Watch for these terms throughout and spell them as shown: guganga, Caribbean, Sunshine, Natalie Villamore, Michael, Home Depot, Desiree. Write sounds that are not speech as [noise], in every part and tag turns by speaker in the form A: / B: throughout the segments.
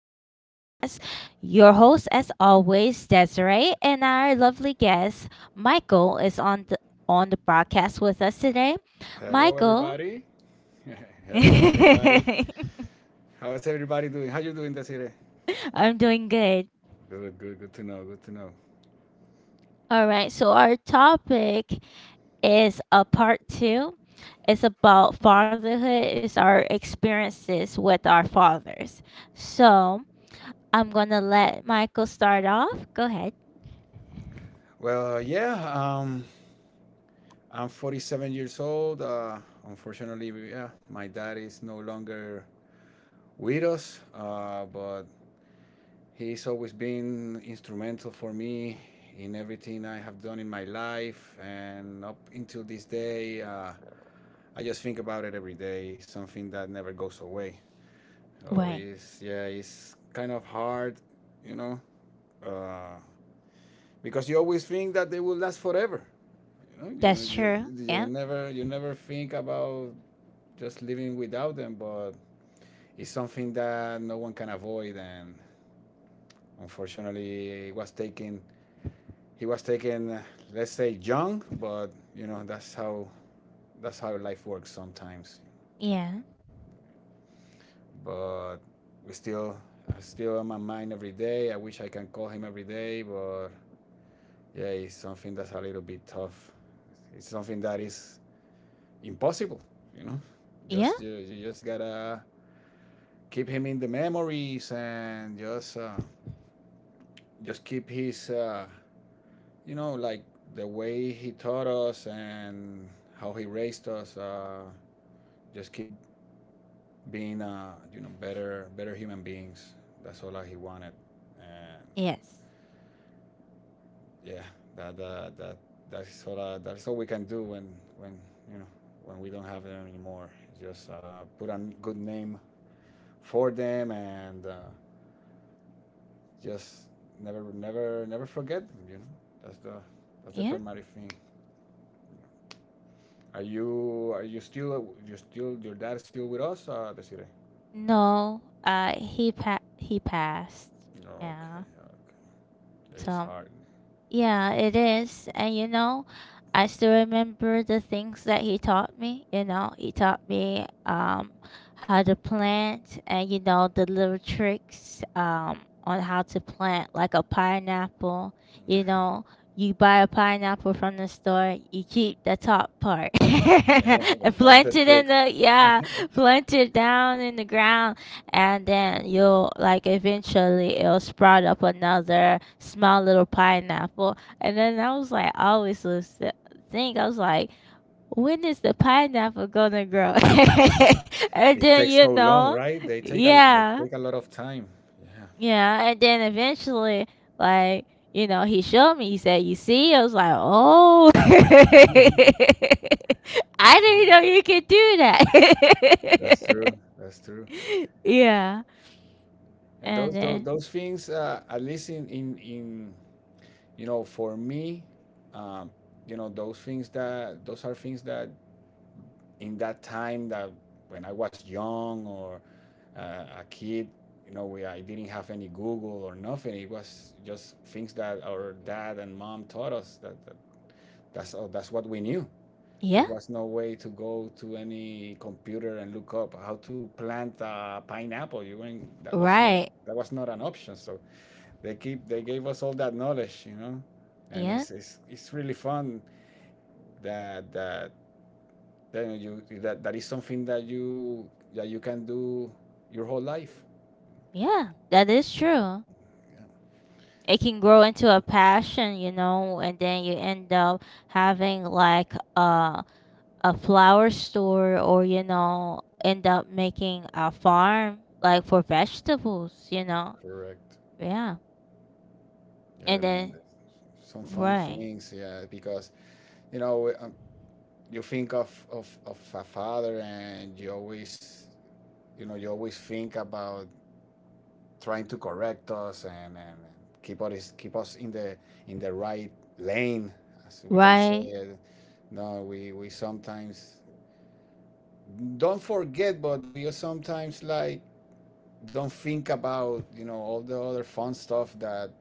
A: broadcast. Your host, as always, Desiree, and our lovely guest, Michael, is on the broadcast with us today.
B: Hello,
A: Michael,
B: everybody. [laughs]
A: [laughs]
B: Hello, everybody.
A: I'm
B: How's everybody doing? How you doing, Desiree?
A: doing good.
B: Good, good, good to know. Good to know.
A: All right. So our topic is a part two. It's about fatherhood. It's our experiences with our fathers. So I'm gonna let Michael start off. Go ahead.
B: Well, I'm 47 years old. Unfortunately, yeah, my dad is no longer with us, but he's always been instrumental for me in everything I have done in my life, and up until this day, I just think about it every day. Something that never goes away. So
A: Right.
B: it's yeah, it's kind of hard, you know, uh, because you always think that they will last forever. You know, you,
A: That's true.
B: you, you
A: Yeah.
B: never you never think about just living without them, but it's something that no one can avoid, and unfortunately, he was taken. He was taken, let's say, young, but you know that's how life works sometimes.
A: Yeah.
B: But we still, I still on my mind every day. I wish I can call him every day, but yeah, it's something that's a little bit tough. It's something that is impossible, you know.
A: Yeah.
B: You just gotta keep him in the memories and just keep his, you know, like the way he taught us and how he raised us. Just keep being, you know, better human beings. That's all that he wanted, and
A: Yes.
B: yeah, that that's all we can do when you know when we don't have them anymore. Just put a good name for them and just never forget them. You know that's the that's the
A: Yeah.
B: primary thing. Are you still, your dad still with us, Desiree?
A: No. He passed.
B: Okay,
A: Yeah.
B: okay. It's
A: So
B: hard.
A: Yeah, it is. And you know, I still remember the things that he taught me. You know, he taught me how to plant and you know the little tricks on how to plant like a pineapple. You
B: [laughs]
A: know, you buy a pineapple from the store, you keep the top part [laughs]
B: Yeah,
A: and
B: that's the
A: plant it in
B: trick.
A: the yeah,
B: [laughs]
A: plant it down in the ground, and then you'll like eventually it'll sprout up another small little pineapple. And then I always was think I was like when is the pineapple gonna grow? [laughs] And
B: It
A: then
B: takes
A: you
B: so long,
A: know
B: right? They take a they
A: yeah
B: take a lot of time.
A: yeah. And then eventually like, you know, he showed me. He said, you see, I was like, oh. [laughs]
B: Yeah.
A: I didn't
B: [laughs]
A: know you could do
B: That's
A: that.
B: true. That's true.
A: [laughs] Yeah.
B: And
A: And then
B: those things, at least in you know, for me, um, you know, those are things that in that time that when I was young or a kid, you know, we I didn't have any Google or nothing. It was just things that our dad and mom taught us that that's all, that's what we knew. There
A: yeah.
B: was no way to go to any computer and look up how to plant a pineapple. You went,
A: Right.
B: that was not an option. So they gave us all that knowledge, you know, and
A: Yeah.
B: it's really fun that then that is something that you can do your whole life.
A: Yeah. That is true. It can grow into a passion, you know, and then you end up having like a flower store, or you know, end up making a farm like for vegetables, you know.
B: Correct.
A: Yeah.
B: Yeah,
A: And
B: man,
A: then
B: some fun
A: right.
B: things. Yeah, because you know you think of a father and you always you know you always think about trying to correct us, and keep us in the right lane, as we can say.
A: Right.
B: It. No, we sometimes don't forget, but we sometimes like don't think about, you know, all the other fun stuff that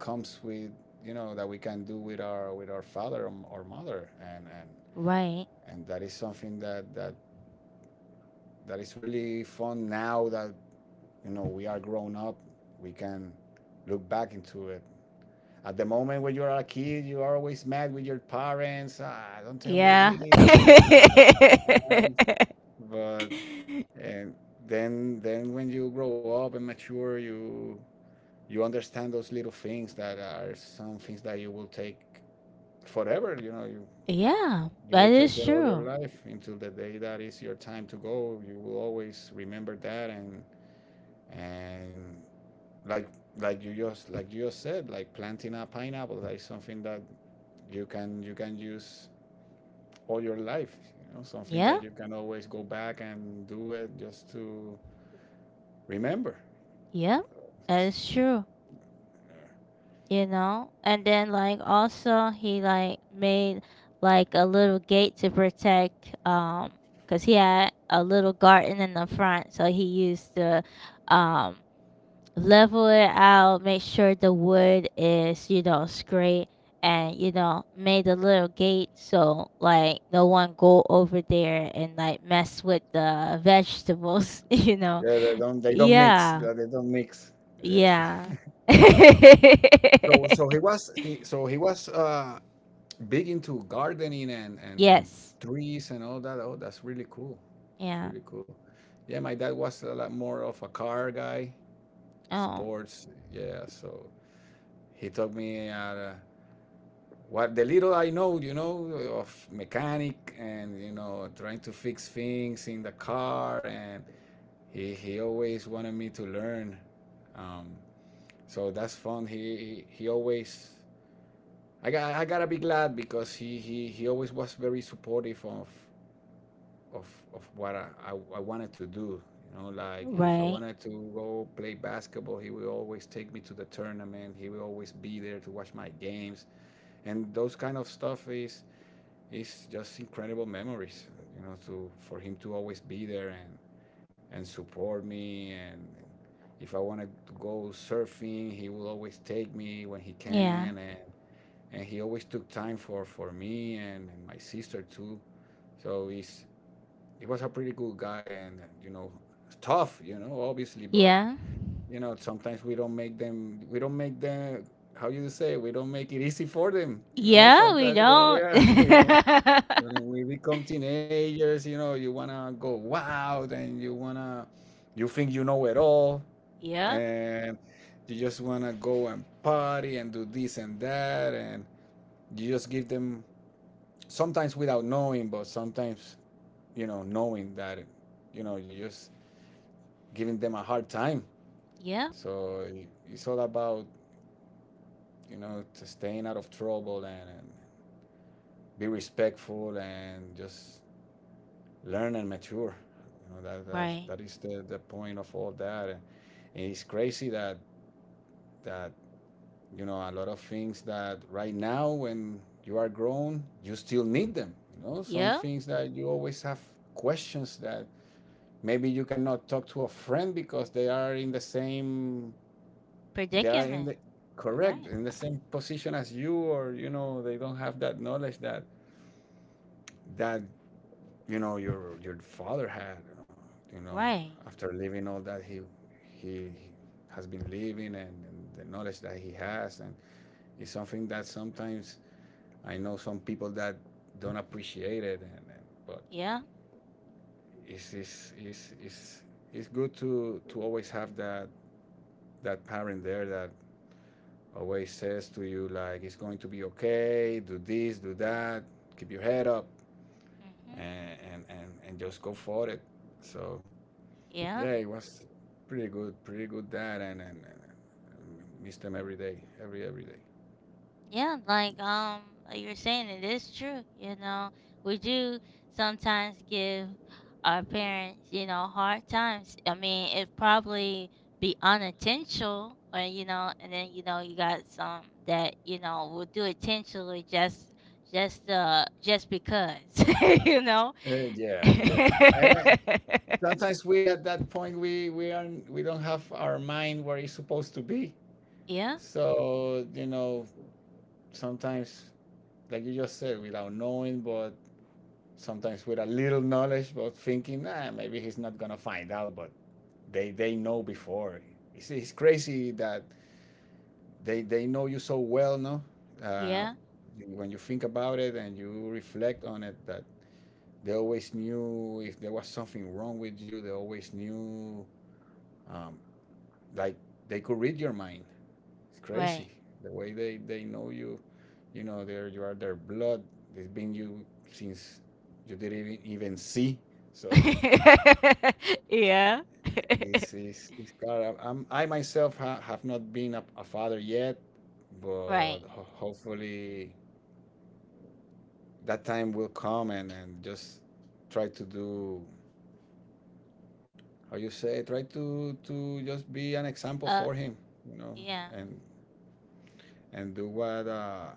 B: comes with, you know, that we can do with our father or mother
A: Right.
B: and that is something that that is really fun now that you know we are grown up, we can look back into it. At the moment when you are a kid, you are always mad with your parents. Ah, don't tell me
A: Yeah.
B: this, don't tell me
A: [laughs]
B: that. But and Then when you grow up and mature, you understand those little things that are some things that you will take forever. You know, you
A: Yeah.
B: you
A: That
B: will
A: is
B: take it all your
A: true.
B: life until the day that is your time to go. You will always remember that and like like you just said, like planting a pineapple. That is something that you can use all your life, you know, something
A: Yeah.
B: that you can always go back and do it just to remember.
A: Yeah. That is true. You know, and then like also he like made like a little gate to protect, because he had a little garden in the front. So he used to um level it out, make sure the wood is, you know, straight, and you know, made a little gate so like no one go over there and like mess with the vegetables. [laughs] You know
B: Yeah, they don't mix,
A: yeah
B: yeah, they don't mix. Yes.
A: yeah. [laughs]
B: [laughs] So he was, big into gardening and and
A: Yes.
B: trees and all that. Oh, that's really cool. It's
A: Yeah.
B: really cool. Yeah, my dad was a lot more of a car guy,
A: Oh,
B: sports, yeah. So he took me out. What the little I know, you know, of mechanic, and you know, trying to fix things in the car, and he always wanted me to learn. Um, so that's fun. He always, I gotta be glad because he always was very supportive of of what I I wanted to do. You know, like if I
A: right.
B: wanted to go play basketball, he would always take me to the tournament. He would always be there to watch my games, and those kind of stuff is it's just incredible memories. You know, to for him to always be there and support me and. If I wanted to go surfing, he would always take me when he
A: Yeah.
B: can, and he always took time for me and my sister too. So he was a pretty good guy, and you know, tough, you know, obviously, but
A: Yeah.
B: you know, sometimes we don't make them, how you say, we don't make it easy for them, you know.
A: Yeah, we
B: Sometimes when we
A: don't.
B: are, [laughs]
A: [laughs]
B: when we become teenagers, you know, you wanna go out and you wanna, you think you know it all,
A: Yep.
B: and you just wanna go and party and do this and that, and you just give them sometimes without knowing, but sometimes you know knowing that, you know, you just giving them a hard time.
A: Yep.
B: So it's all about, you know, to staying out of trouble, and be respectful and just learn and mature. You know
A: Right.
B: that is the point of all that. And it's crazy that you know a lot of things that right now when you are grown, you still need them. You know, some
A: Yep.
B: things that you always have questions that maybe you cannot talk to a friend because they are in the
A: Predicament.
B: correct
A: Right.
B: in the same position as you, or you know they don't have that knowledge that you know your father had, you know,
A: Right.
B: after leaving all that he has been living, and the knowledge that he has, and it's something that sometimes I know some people that don't appreciate it, and but
A: Yeah.
B: it's it's good to always have that that parent there that always says to you like it's going to be okay, do this, do that, keep your head up,
A: Mhm.
B: and and just go for it. So
A: Yeah.
B: yeah, it was pretty good, pretty good that, and miss them every day, every day.
A: Yeah, like you're saying, it is true, you know. We do sometimes give our parents, you know, hard times. I mean, it probably be unintentional, or you know, and then you know you got some that, you know, will do it intentionally just just because, [laughs] you know. [laughs]
B: Yeah. And sometimes we at that point we don't have our mind where it's supposed to be.
A: Yeah,
B: So you know sometimes like you just said, without knowing, but sometimes with a little knowledge, but thinking, ah, maybe he's not gonna find out, but they know before. It's crazy that they know you so well, no? Uh,
A: yeah,
B: when you think about it and you reflect on it, that they always knew if there was something wrong with you. They always knew, um, like they could read your mind. It's
A: right.
B: crazy the way they know you. You know, they're you are their blood. They've been you since you didn't even, even see. So
A: [laughs] Yeah.
B: [laughs] it's God. I myself have not been a father yet,
A: [laughs] Right.
B: but hopefully that time will come, and just try to do, how you say, try to just be an example
A: Uh
B: for him, you know,
A: yeah,
B: and and do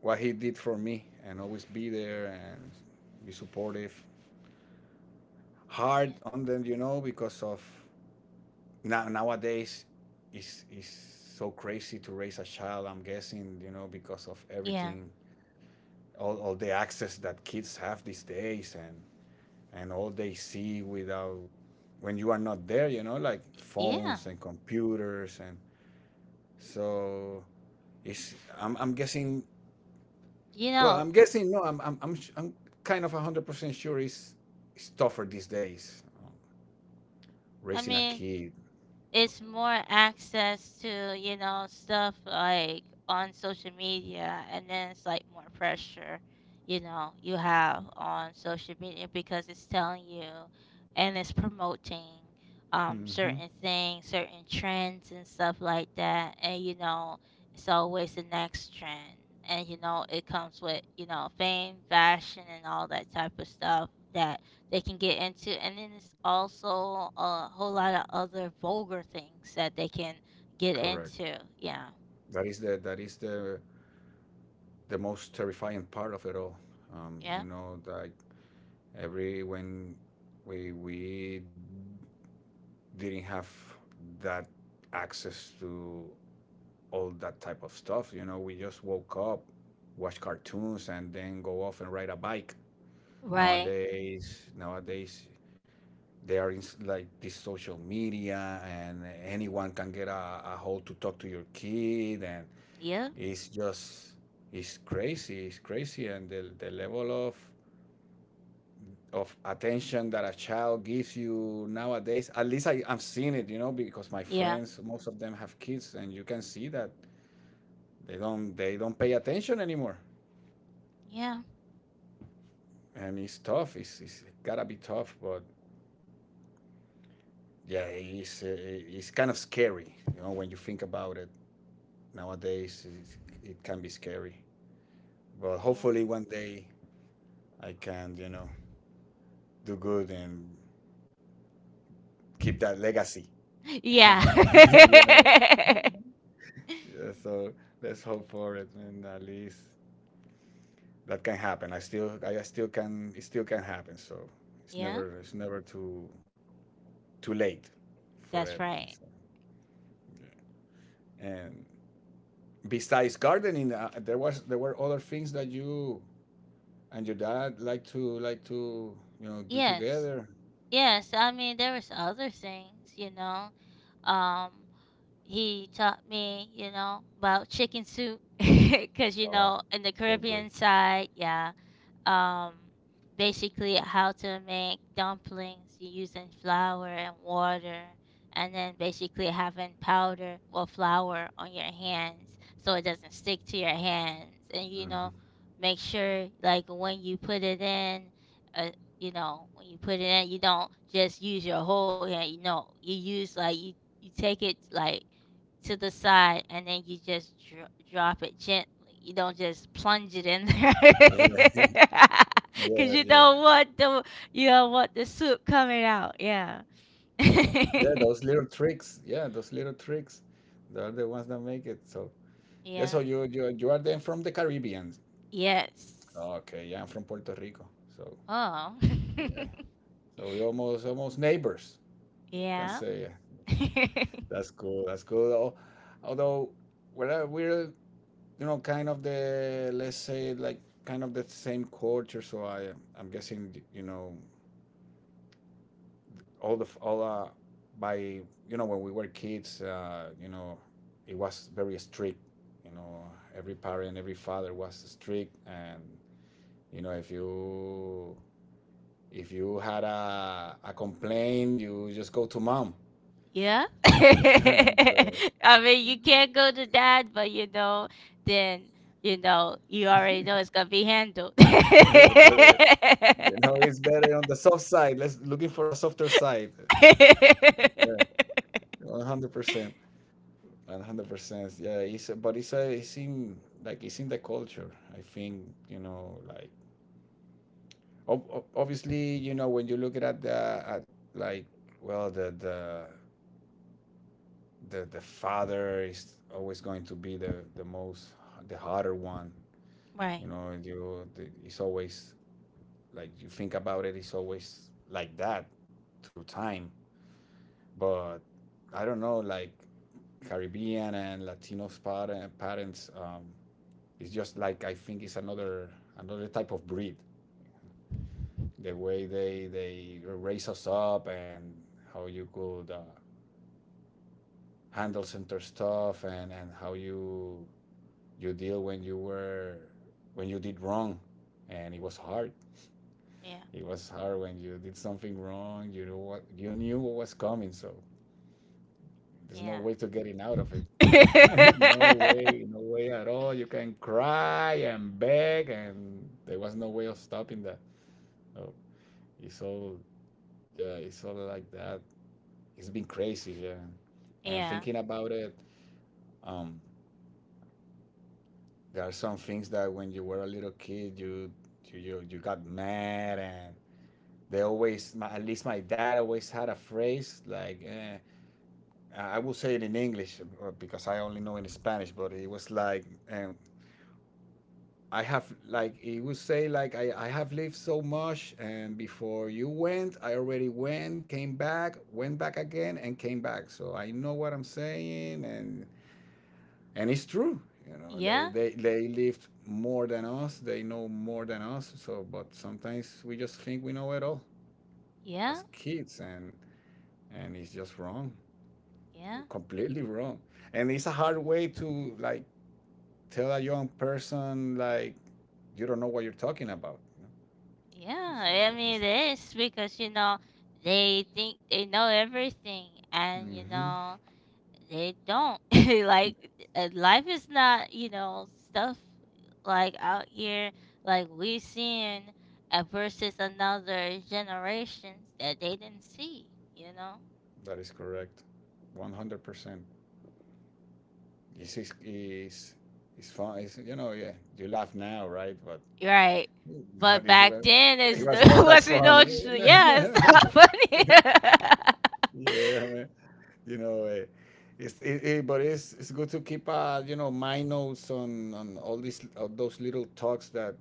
B: what he did for me, and always be there and be supportive, hard
A: yeah.
B: on them, you know, because of nowadays is so crazy to raise a child, I'm guessing, you know, because of
A: Yeah.
B: everything, all the access that kids have these days, and all they see without, when you are not there, you know, like
A: Yeah.
B: phones and computers and so it's, I'm guessing,
A: You
B: well
A: know,
B: I'm guessing no I'm I'm, sh- I'm kind of 100% sure it's tougher these days,
A: I
B: raising a
A: mean,
B: kid.
A: it's more access to, you know, stuff like on social media, and then it's like more pressure, you know, you have on social media because it's telling you, and it's promoting
B: Hmm.
A: certain things, certain trends and stuff like that. And you know, it's always the next trend. And you know, it comes with, you know, fame, fashion, and all that type of stuff that they can get into. And then it's also a whole lot of other vulgar things that they can get
B: Correct.
A: into. Yeah.
B: That is the most terrifying part of it all.
A: Yeah,
B: You know, like every when we didn't have that access to all that type of stuff. You know, we just woke up, watch cartoons, and then go off and ride a bike.
A: right.
B: Nowadays they are in like this social media, and anyone can get a hold to talk to your kid, and
A: Yeah.
B: it's just it's crazy. It's crazy, and the level of attention that a child gives you nowadays. At least I've seen it, because my
A: Yeah.
B: friends, most of them have kids, and you can see that they don't pay attention anymore,
A: Yeah.
B: and it's tough. It's gotta be tough, but yeah, it's kind of scary. You know, when you think about it nowadays, it can be scary. But
A: Yeah.
B: hopefully, one day I can, do good and keep that legacy.
A: [laughs]
B: [laughs]
A: Yeah.
B: you know,
A: [laughs]
B: yeah, so let's hope for it, and at least that can happen. I still can, it still can happen. So it's
A: Yeah.
B: never, it's never too late for
A: That's
B: everything.
A: right.
B: So, yeah. And besides gardening, there were other things that you and your dad like to do
A: Yes.
B: together.
A: Yes, I mean there was other things, you know. um he taught me, you know, about chicken soup [laughs] because you
B: Ah,
A: know, in the
B: so good.
A: Caribbean side, yeah. um Basically how to make dumplings using flour and water, and then basically having powder or flour on your hands so it doesn't stick to your hands. And you
B: Mhm.
A: know, make sure like when you put it in, uh, you know, when you put it in, you don't just use your whole hand. You know, you use like you take it like to the side, and then you just drop it gently. You don't just plunge it in there,
B: Yeah, [laughs]
A: [laughs] cause
B: yeah,
A: you
B: yeah,
A: don't want the you don't want the soup coming out. Yeah. [laughs]
B: yeah. Those little tricks, yeah, those little tricks, they're the ones that make it. So yeah, so
A: Yeah.
B: you are then from the Caribbean.
A: Yes.
B: Okay, yeah, I'm from Puerto Rico. So
A: Oh. [laughs]
B: yeah, so we almost neighbors. You can
A: Yeah.
B: say
A: [laughs]
B: [laughs] that's cool. That's cool. Although we're kind of the, let's say, like, kind of the same culture. So I'm guessing, all the f- all by you know when we were kids, it was very strict. You know, every parent, every father was strict, and if you had a complaint, you just go to mom.
A: Yeah. [laughs]
B: Yeah, [laughs] so-
A: I mean, you can't go to dad, but you know, then, you know, you already know it's
B: [laughs]
A: gonna be handled. [laughs]
B: yeah, correct. You know, it's better on the soft side. Let's looking for a softer side.
A: [laughs]
B: 100%, 100%. Yeah, but it's a, it's in like it's in the culture. I think, like, obviously when you look at like, well, the father is always going to be the harder one.
A: Right.
B: You know, and it's always, like, you think about it, it's always like that through time. But I don't know, like, Caribbean and Latino parents, it's just like, I think it's another type of breed. The way they raise us up, and how you could, handle center stuff, and how you deal when you were when you did wrong, and it was hard.
A: Yeah.
B: It was hard when you did something wrong. You knew what was coming, so there's no
A: Yeah.
B: way to getting out of it. [laughs] No
A: [laughs]
B: way, no way at all. You can cry and beg, and there was no way of stopping that. So It's all yeah, it's all like that. It's been crazy, yeah. And
A: Yeah.
B: thinking about it, um, there are some things that when you were a little kid, you got mad. And at least my dad always had a phrase like, I will say it in English, because I only know in Spanish, but it was like, I have like he would say, like, I have lived so much, and before you went, I already went, came back, went back again, and came back, so I know what I'm saying. And it's true, they
A: Yeah.
B: they, they lived more than us, they know more than us. So but sometimes we just think we know it all
A: Yeah.
B: as kids, and it's just wrong,
A: Yeah.
B: completely wrong. And it's a hard way to, like, tell a young person, like, you don't know what you're talking about.
A: Yeah. I mean, it is because, you know, they think they know everything, and you
B: Hmm.
A: know, they don't. [laughs] Like, life is not, you know, stuff like out here, like we seeing, versus another generations that they didn't see, you know?
B: That is correct. 100%. This is fun. It's, yeah, you laugh now, right? But,
A: Right.
B: [laughs] but
A: But back
B: well,
A: then
B: it
A: is
B: was not
A: the [laughs]
B: that
A: Western
B: funny.
A: Ocean yeah,
B: [laughs]
A: it's not [laughs] funny. [laughs]
B: Yeah, man. You know, it's, it, but it's good to keep, my notes on all all those little talks that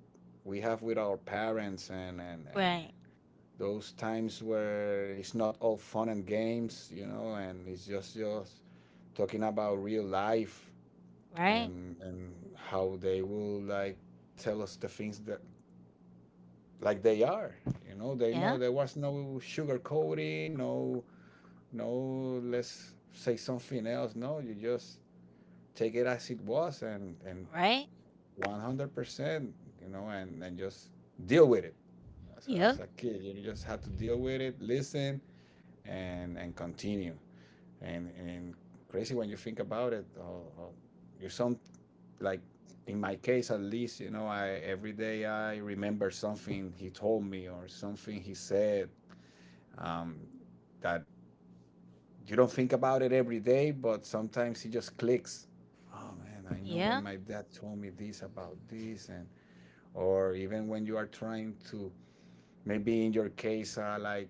B: we have with our parents, and
A: Right.
B: those times where it's not all fun and games. You know, and it's just talking about real life.
A: Right.
B: And how they will, like, tell us the things that, like they are they know.
A: Yeah.
B: There was no sugar coating, no, no, let's say something else, no, you just take it as it was, and
A: Right.
B: 100%, and just deal with it. as a, as
A: Yep.
B: a kid, you just have to deal with it, listen, and continue. And crazy when you think about it. Or you some like, in my case at least, I every day I remember something he told me, or something he said, um, that you don't think about it every day, but sometimes it just clicks. Oh man, I know when
A: Yeah.
B: my dad told me this about this. And or even when you are trying to, maybe in your case, like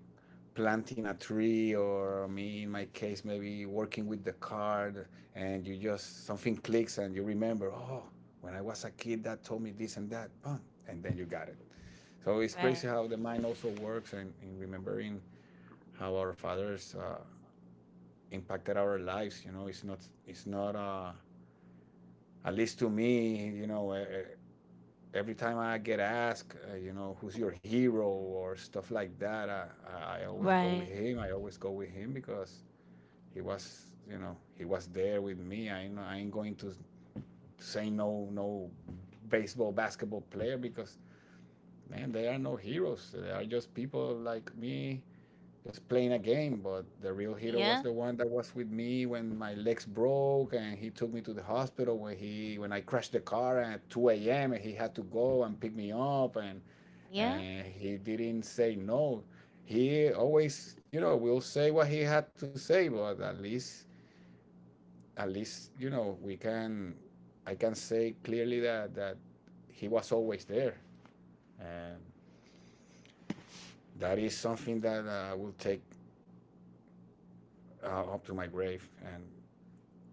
B: planting a tree, or me in my case, maybe working with the card, and you just, something clicks, and you remember, oh, when I was a kid, that told me this and that, boom, and then you got it. So it's crazy
A: Right.
B: how the mind also works, and in remembering how our fathers, impacted our lives, it's not, at least to me, every time I get asked, who's your hero or stuff like that, I always go with
A: Right.
B: him. I always go with him, because he was there with me. I ain't going to say no, no baseball, basketball player, because, man, they are no heroes. They are just people like me, just playing a game. But the real hero
A: Yeah.
B: was the one that was with me when my legs broke, and he took me to the hospital, when he when I crashed the car at 2 a.m., and he had to go and pick me up,
A: Yeah.
B: and he didn't say no. He always, will say what he had to say, but at least, you know we can I can say clearly that he was always there, and that is something that, I will take, up to my grave. And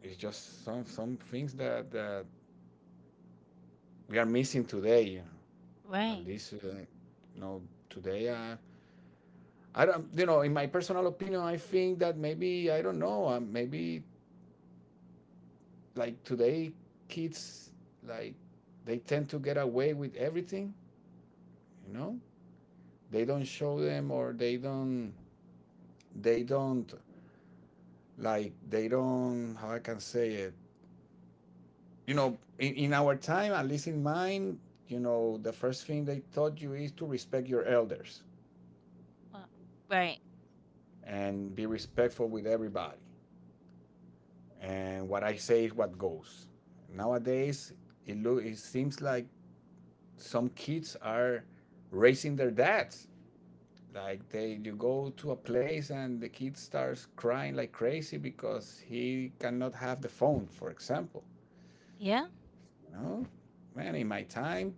B: it's just some things that we are missing today. At
A: Right.
B: least, you know, today. I don't, in my personal opinion, I think that maybe I don't know. Maybe, like, today, kids, like, they tend to get away with everything. You know, they don't show them or they don't, like, they don't, how I can say it. You know, in our time, at least in mine, the first thing they taught you is to respect your elders,
A: Well, right.
B: and be respectful with everybody. And what I say is what goes. Nowadays, it seems like some kids are raising their dads. Like, you go to a place and the kid starts crying like crazy because he cannot have the phone, for example.
A: Yeah.
B: You know, man, in my time,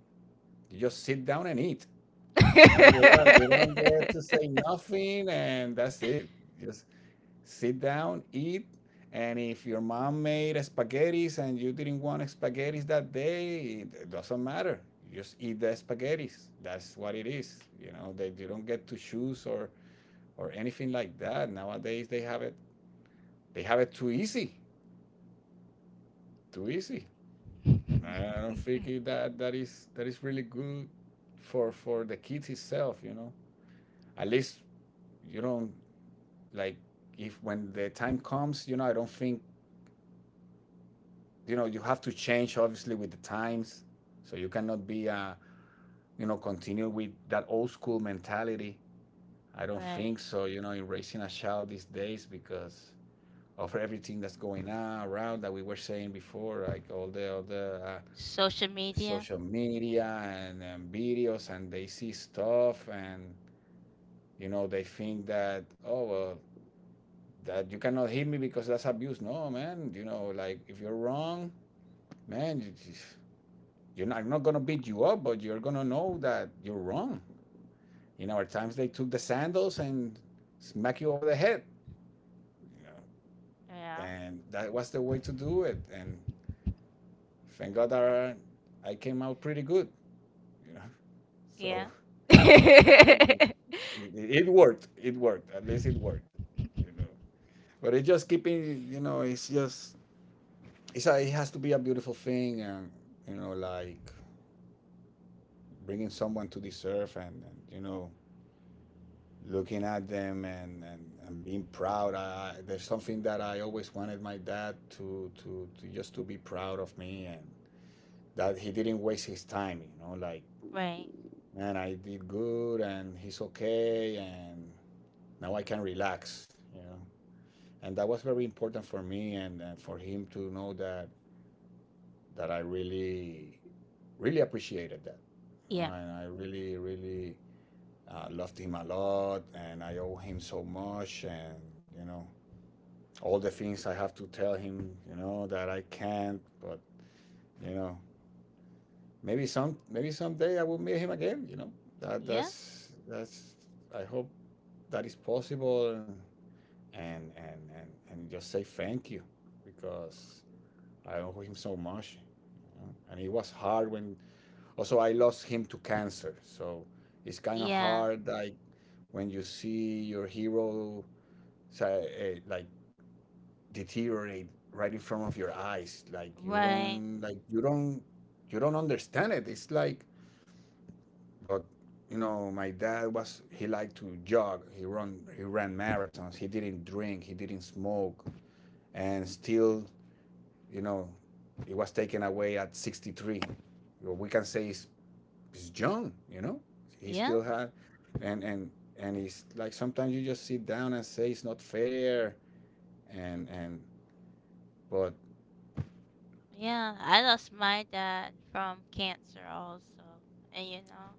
B: you just sit down and eat.
A: [laughs]
B: You know, you don't get to say nothing, and that's it. Just sit down, eat, and if your mom made spaghetti and you didn't want spaghetti that day, it doesn't matter. You just eat the spaghetti. That's what it is. You know, they you don't get to choose or anything like that. Nowadays they have it too easy. Too easy. And I don't think that that is really good for the kids itself. At least you don't, like, if when the time comes, I don't think, you have to change, obviously, with the times. So you cannot be, continue with that old school mentality. I don't
A: Right.
B: think so, in raising a child these days, because of everything that's going on around that we were saying before, like, all the,
A: Social media.
B: social media, and videos, and they see stuff, and they think that, oh well, that you cannot hit me because that's abuse. No, man, like, if you're wrong, man, you're not, I'm not going to beat you up, but you're going to know that you're wrong. In our times, they took the sandals and smack you over the head. You know?
A: Yeah.
B: And that was the way to do it. And thank God that I came out pretty good. You know? [laughs]
A: Yeah.
B: So
A: [laughs]
B: it worked. It worked. At least it worked. You know? But it just keeping, it has to be a beautiful thing. And, like, bringing someone to this earth, and, looking at them, and, and being proud. I, there's something that I always wanted my dad to just to be proud of me and that he didn't waste his time, like,
A: Right.
B: man, I did good and he's okay and now I can relax, you know. And that was very important for me and for him to know that, that I really, really appreciated that. You know,
A: Yeah.
B: and I really, really loved him a lot and I owe him so much and, you know, all the things I have to tell him, that I can't. But you know, maybe some maybe someday I will meet him again. You know, that
A: Yeah.
B: that's that's. I hope that is possible, and and just say thank you because I owe him so much. You know? And it was hard when also I lost him to cancer, so it's kind of
A: Yeah,
B: hard like when you see your hero say, like deteriorate right in front of your eyes like
A: right.
B: you don't understand it. It's like, but you know, my dad was, he liked to jog, he run he ran marathons, he didn't drink, he didn't smoke, and still, you know, it was taken away at 63. Well, we can say he's young, you know, he
A: Yeah,
B: still had, and and and he's like, sometimes you just sit down and say it's not fair. And but
A: yeah. I lost my dad from cancer also, and you know,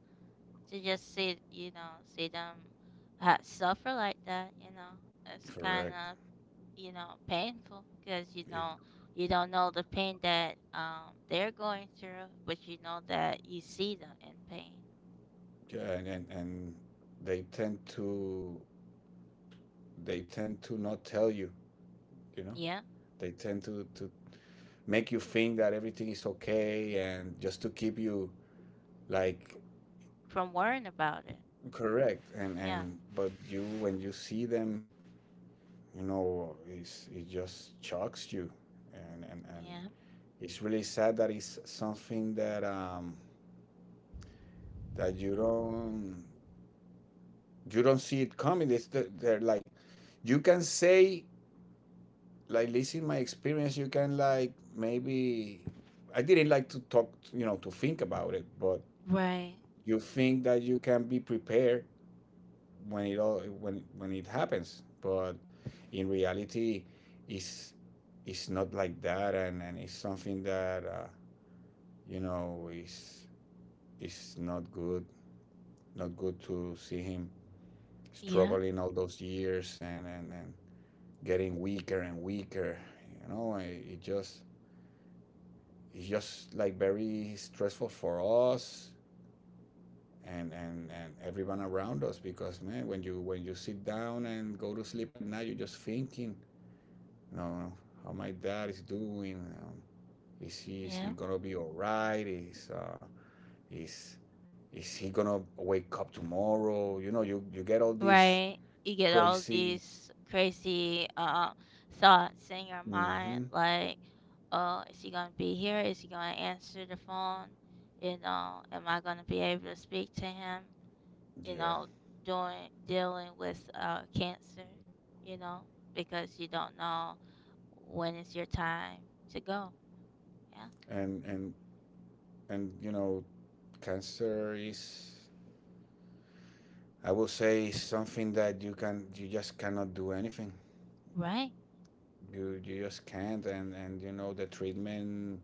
A: to just see, you know, see them suffer like that, you know, it's kind
B: Correct.
A: of, you know, painful because you
B: If
A: know you don't know the pain that they're going through, but you know that you see them in pain.
B: yeah, and they tend to, not tell you, you know.
A: Yeah,
B: They tend to make you think that everything is okay and just to keep you like.
A: from worrying about it.
B: Correct.
A: Yeah,
B: And but You, when you see them, you know, it's, it just shocks you. And
A: yeah.
B: It's really sad that it's something that that you don't, you don't see it coming. It's they're like, you can say, like, least my experience, you can, like, maybe I didn't like to talk, you know, to think about it. But
A: Right.
B: you think that you can be prepared when it all when it happens, but in reality it's it's not like that, and it's something that you know, is not good, not good to see him
A: Yeah,
B: struggling all those years, and getting weaker and weaker. You know, it just, it's just like very stressful for us, and everyone around us, because man, when you, when you sit down and go to sleep at night, you're just thinking, you know, how my dad is doing, is
A: yeah.
B: he gonna be all right, is is is he gonna wake up tomorrow. You know, you get all these
A: Right? You get all
B: crazy.
A: these crazy thoughts in your mind,
B: Hmm.
A: like, oh, is he gonna be here? Is he gonna answer the phone? You know, am I gonna be able to speak to him? You
B: Yeah.
A: know, doing dealing with, cancer. You know, because you don't know when is your time to go. Yeah.
B: and and and You know, cancer is, I would say, something that you, can you just cannot do anything.
A: Right.
B: You just can't. And, you know, the treatment,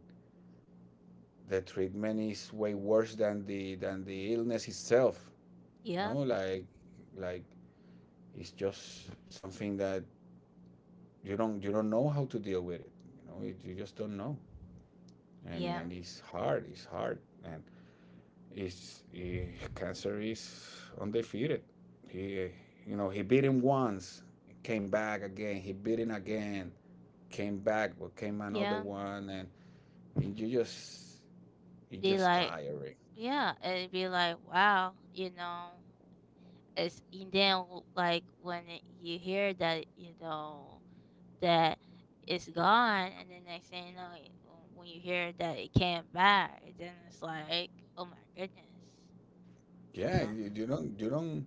B: the treatment is way worse than the illness itself. You know,
A: Yeah.
B: like it's just something that you don't, you don't know how to deal with it. You know, it, you just don't know, and
A: Yeah.
B: and it's hard. It's hard, and it's cancer is undefeated. He, you know, he beat him once, came back again. He beat him again, came back, but came another
A: Yeah.
B: one, and you just, you
A: Be
B: just
A: like,
B: tiring.
A: yeah. It'd be like, wow. You know. It's and then like when it, you hear that, you know, that it's gone, and then next thing you know when you hear that it came back, then it's like, oh my goodness, you
B: Yeah,
A: know.
B: you don't,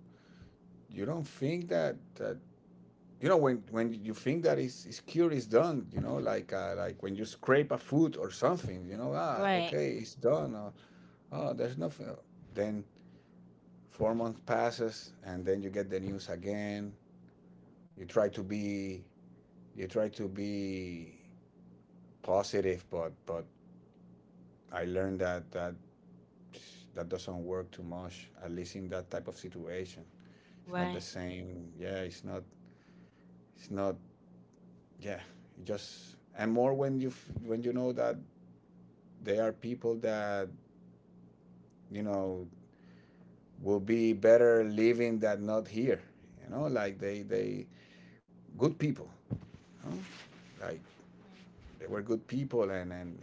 B: you don't think that that, you know, when you think that it's cure is done. You know, like when you scrape a foot or something. You know, ah,
A: Right.
B: okay, it's done. Or, oh, there's nothing. Then 4 months passes, and then you get the news again. You try to be, you try to be positive, but I learned that that, that doesn't work too much, at least in that type of situation. It's not the
A: Right.
B: same. Yeah, it's not, it's not. Yeah. It just, and more when you f- when you know that there are people that, you know, will be better living than not here, you know, like they good people, you know? Like they were good people, and and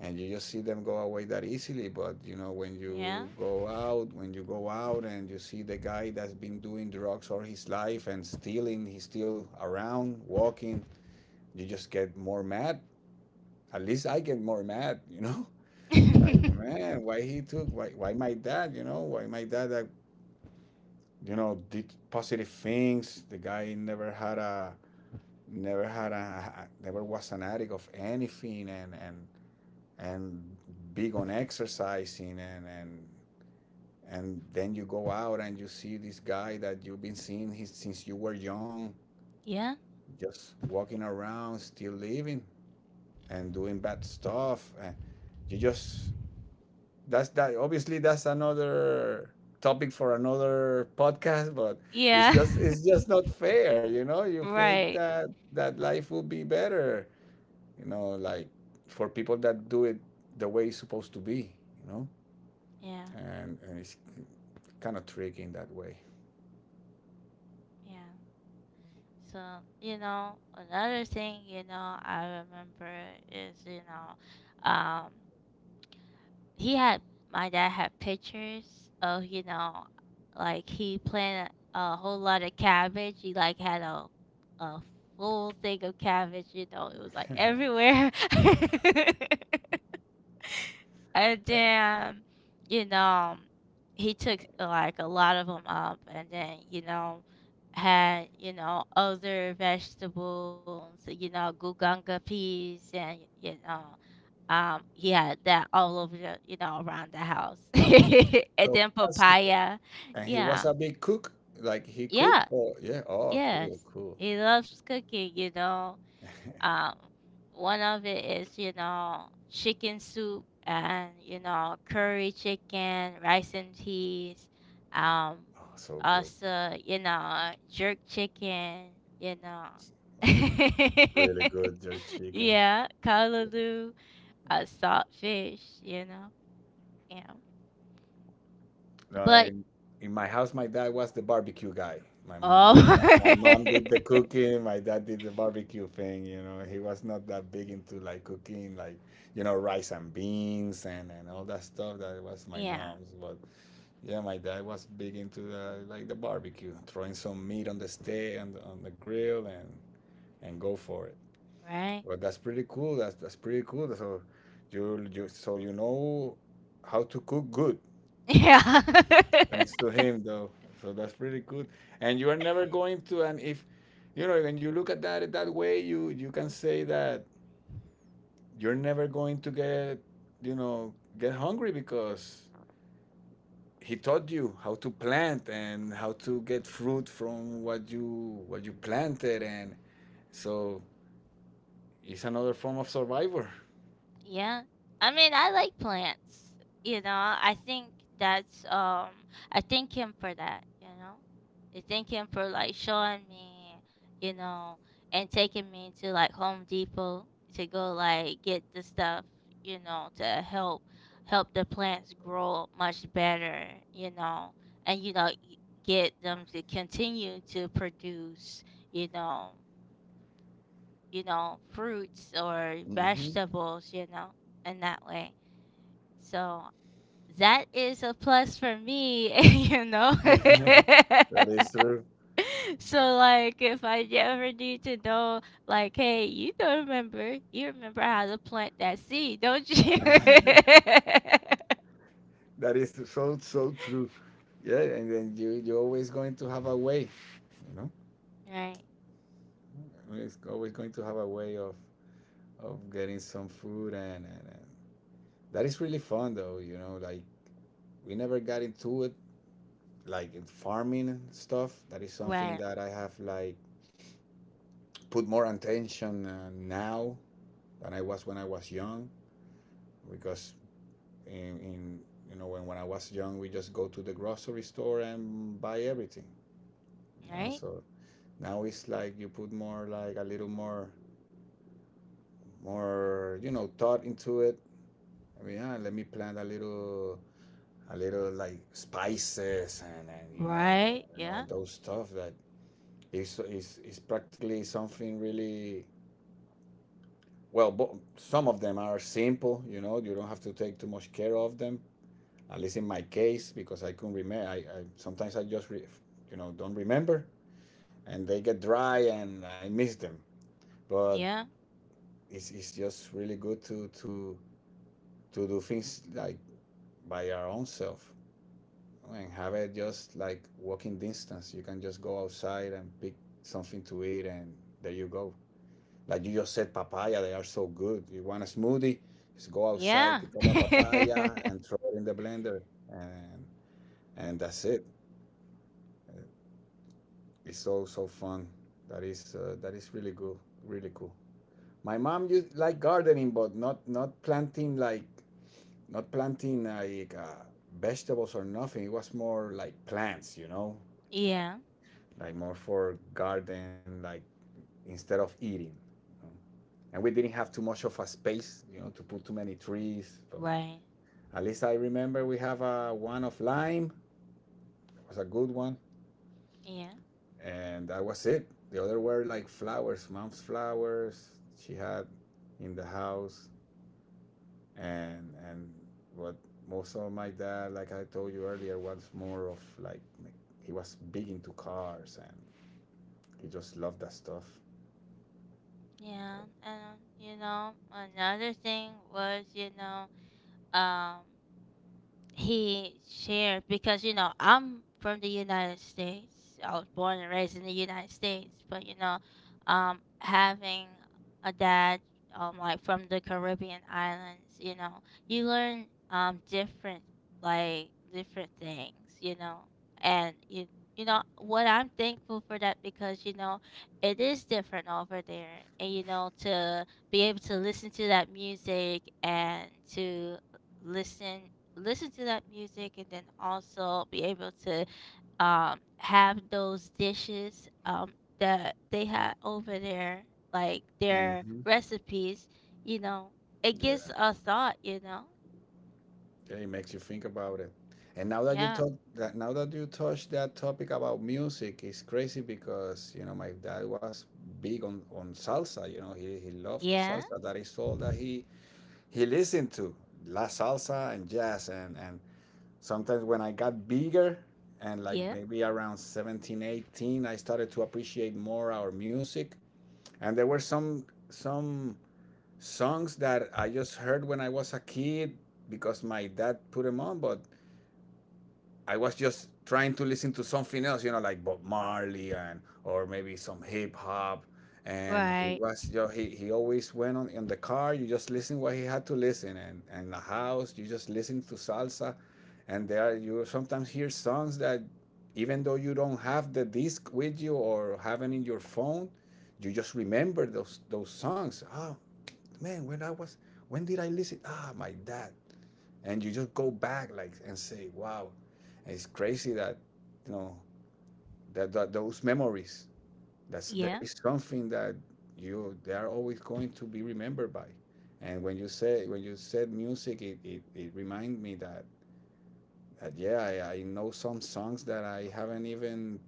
B: and you just see them go away that easily. But you know, when
A: Yeah.
B: you go out, and you see the guy that's been doing drugs all his life and stealing, he's still around walking, you just get more mad. At least I get more mad, you know. [laughs] Like,
A: Yeah.
B: man, why my dad, you know, why my dad, that, you know, did positive things, the guy never had a, never had a, never was an addict of anything, and big on exercising, and then you go out and you see this guy that you've been seeing his, since you were young,
A: [laughs] Yeah.
B: just walking around, still living and doing bad stuff, and you just, that's that, obviously that's another topic for another podcast. But it's
A: Yeah,
B: just, it's just not fair, you know.
A: [laughs]
B: You think
A: right.
B: that that life would be better, you know, like, for people that do it the way it's supposed to be, you know.
A: Yeah.
B: And it's kind of tricky in that way.
A: Yeah. So you know, another thing, you know, I remember is, you know, he had my dad had pictures of, you know, like he planted a whole lot of cabbage. He like had a full thing of cabbage, you know. It was like
B: [laughs]
A: everywhere. [laughs] And then you know, he took like a lot of them up, and then you know, had, you know, other vegetables, you know, guganga peas, and you know, yeah, that all over the, you know, around the house. [laughs] And
B: So,
A: then papaya.
B: and he was
A: Yeah.
B: a big cook, like he cooked.
A: Yeah.
B: Oh yeah, oh cool,
A: Yes.
B: cool.
A: He loves cooking, you know.
B: [laughs] Oh,
A: Um, one of it is, you know, chicken soup and, you know, curry chicken, rice and peas. Um,
B: so good.
A: also, you know, jerk chicken, you know.
B: Oh, really good, your
A: [laughs]
B: chicken.
A: Yeah, callaloo, salt fish, you know. Yeah.
B: No,
A: But
B: in my house, my dad was the barbecue guy. My
A: oh.
B: mom did the cooking. My dad did the barbecue thing. You know, he was not that big into like cooking, like, you know, rice and beans and all that stuff. That was
A: [laughs]
B: my
A: Yeah,
B: mom's. But yeah, my dad was big into like the barbecue, throwing some meat on the steak and on the grill and go for it.
A: right?
B: But that's pretty cool. That's pretty cool. So you, so you know how to cook good.
A: Yeah.
B: Thanks
A: [laughs]
B: to him, though. So that's pretty good. And you are never going to, and if, you know, when you look at that that way, you can say that you're never going to get, you know, get hungry because he taught you how to plant and how to get fruit from what you, what you planted, and so it's another form of survivor.
A: Yeah. I mean, I like plants. You know, I think that's, I thank him for that, you know. I thank him for like showing me, you know, and taking me to like Home Depot to go like get the stuff, you know, to help the plants grow much better, you know, and you know get them to continue to produce, you know, you know, fruits or
B: Hmm.
A: vegetables, you know, in that way. So that is a plus for me, [laughs] you know.
B: [laughs]
A: [laughs]
B: That is true.
A: So like if I ever need to know like, hey, you don't remember you remember how to plant that seed, don't you? [laughs]
B: That is so so true. Yeah, and then you, you're always going to have a way, you know.
A: Right.
B: It's always going to have a way of getting some food, and that is really fun though, you know, like we never got into it, like in farming and stuff. That is something
A: Right.
B: that I have, like, put more attention now than I was when I was young, because in, in, you know, when I was young we just go to the grocery store and buy everything, you know.
A: Right.
B: So now it's like you put more, like, a little more, more, you know, thought into it. I mean, ah, let me plant a little like spices, and you know,
A: Right.
B: you know,
A: Yeah.
B: those stuff that is practically something really well. Some of them are simple, you know, you don't have to take too much care of them. At least in my case, because I couldn't remember, I sometimes I just you know don't remember, and they get dry and I miss them. But
A: Yeah.
B: it's just really good to do things like by our own self, and have it just like walking distance. You can just go outside and pick something to eat, and there you go. Like you just said, papaya, they are so good. You want a smoothie? Just go
A: Yeah.
B: outside, pick up a papaya,
A: [laughs]
B: and throw it in the blender, and and that's it. It's so so fun. That is really good, really cool. My mom used like gardening, but not, not planting like, not planting like vegetables or nothing. It was more like plants, you know,
A: Yeah.
B: like more for garden, like instead of eating. And we didn't have too much of a space, you know, to put too many trees. But
A: Right.
B: at least I remember we have a one of lime. It was a good one,
A: Yeah.
B: and that was it. The other were like flowers, mom's flowers she had in the house, and what, most of my dad, like I told you earlier, was more of like, he was big into cars and he just loved that stuff.
A: Yeah, and you know, another thing was, you know, um, he shared because you know, I'm from the United States. I was born and raised in the United States, but you know, having a dad like from the Caribbean islands, you know, you learn different like different things, you know, and you know what I'm thankful for that, because you know, it is different over there, and you know, to be able to listen to that music, and to listen to that music, and then also be able to have those dishes that they had over there, like their
B: Mm-hmm.
A: recipes, you know. It gives
B: Yeah.
A: a thought, you know.
B: Yeah, it makes you think about it. And now that you
A: Yeah
B: talk that, now that you touch that topic about music, it's crazy because you know my dad was big on salsa. You know he loved
A: yeah
B: salsa. That is all that he listened to, la salsa and jazz and sometimes when I got bigger and like
A: yeah
B: maybe around 17, 18, I started to appreciate more our music. And there were some songs that I just heard when I was a kid because my dad put them on, but I was just trying to listen to something else, you know, like Bob Marley and or maybe some hip hop. And he
A: right
B: was, you know, he always went on in the car. You just listen what he had to listen, and in the house you just listen to salsa, and there you sometimes hear songs that even though you don't have the disc with you or have it in your phone, you just remember those songs. Oh man, when did I listen? Ah, my dad, and you just go back like and say wow, it's crazy that, you know, that those memories, that's there
A: yeah
B: is something that you, they are always going to be remembered by. And when you said music, it reminded me that, yeah, I know some songs that I haven't even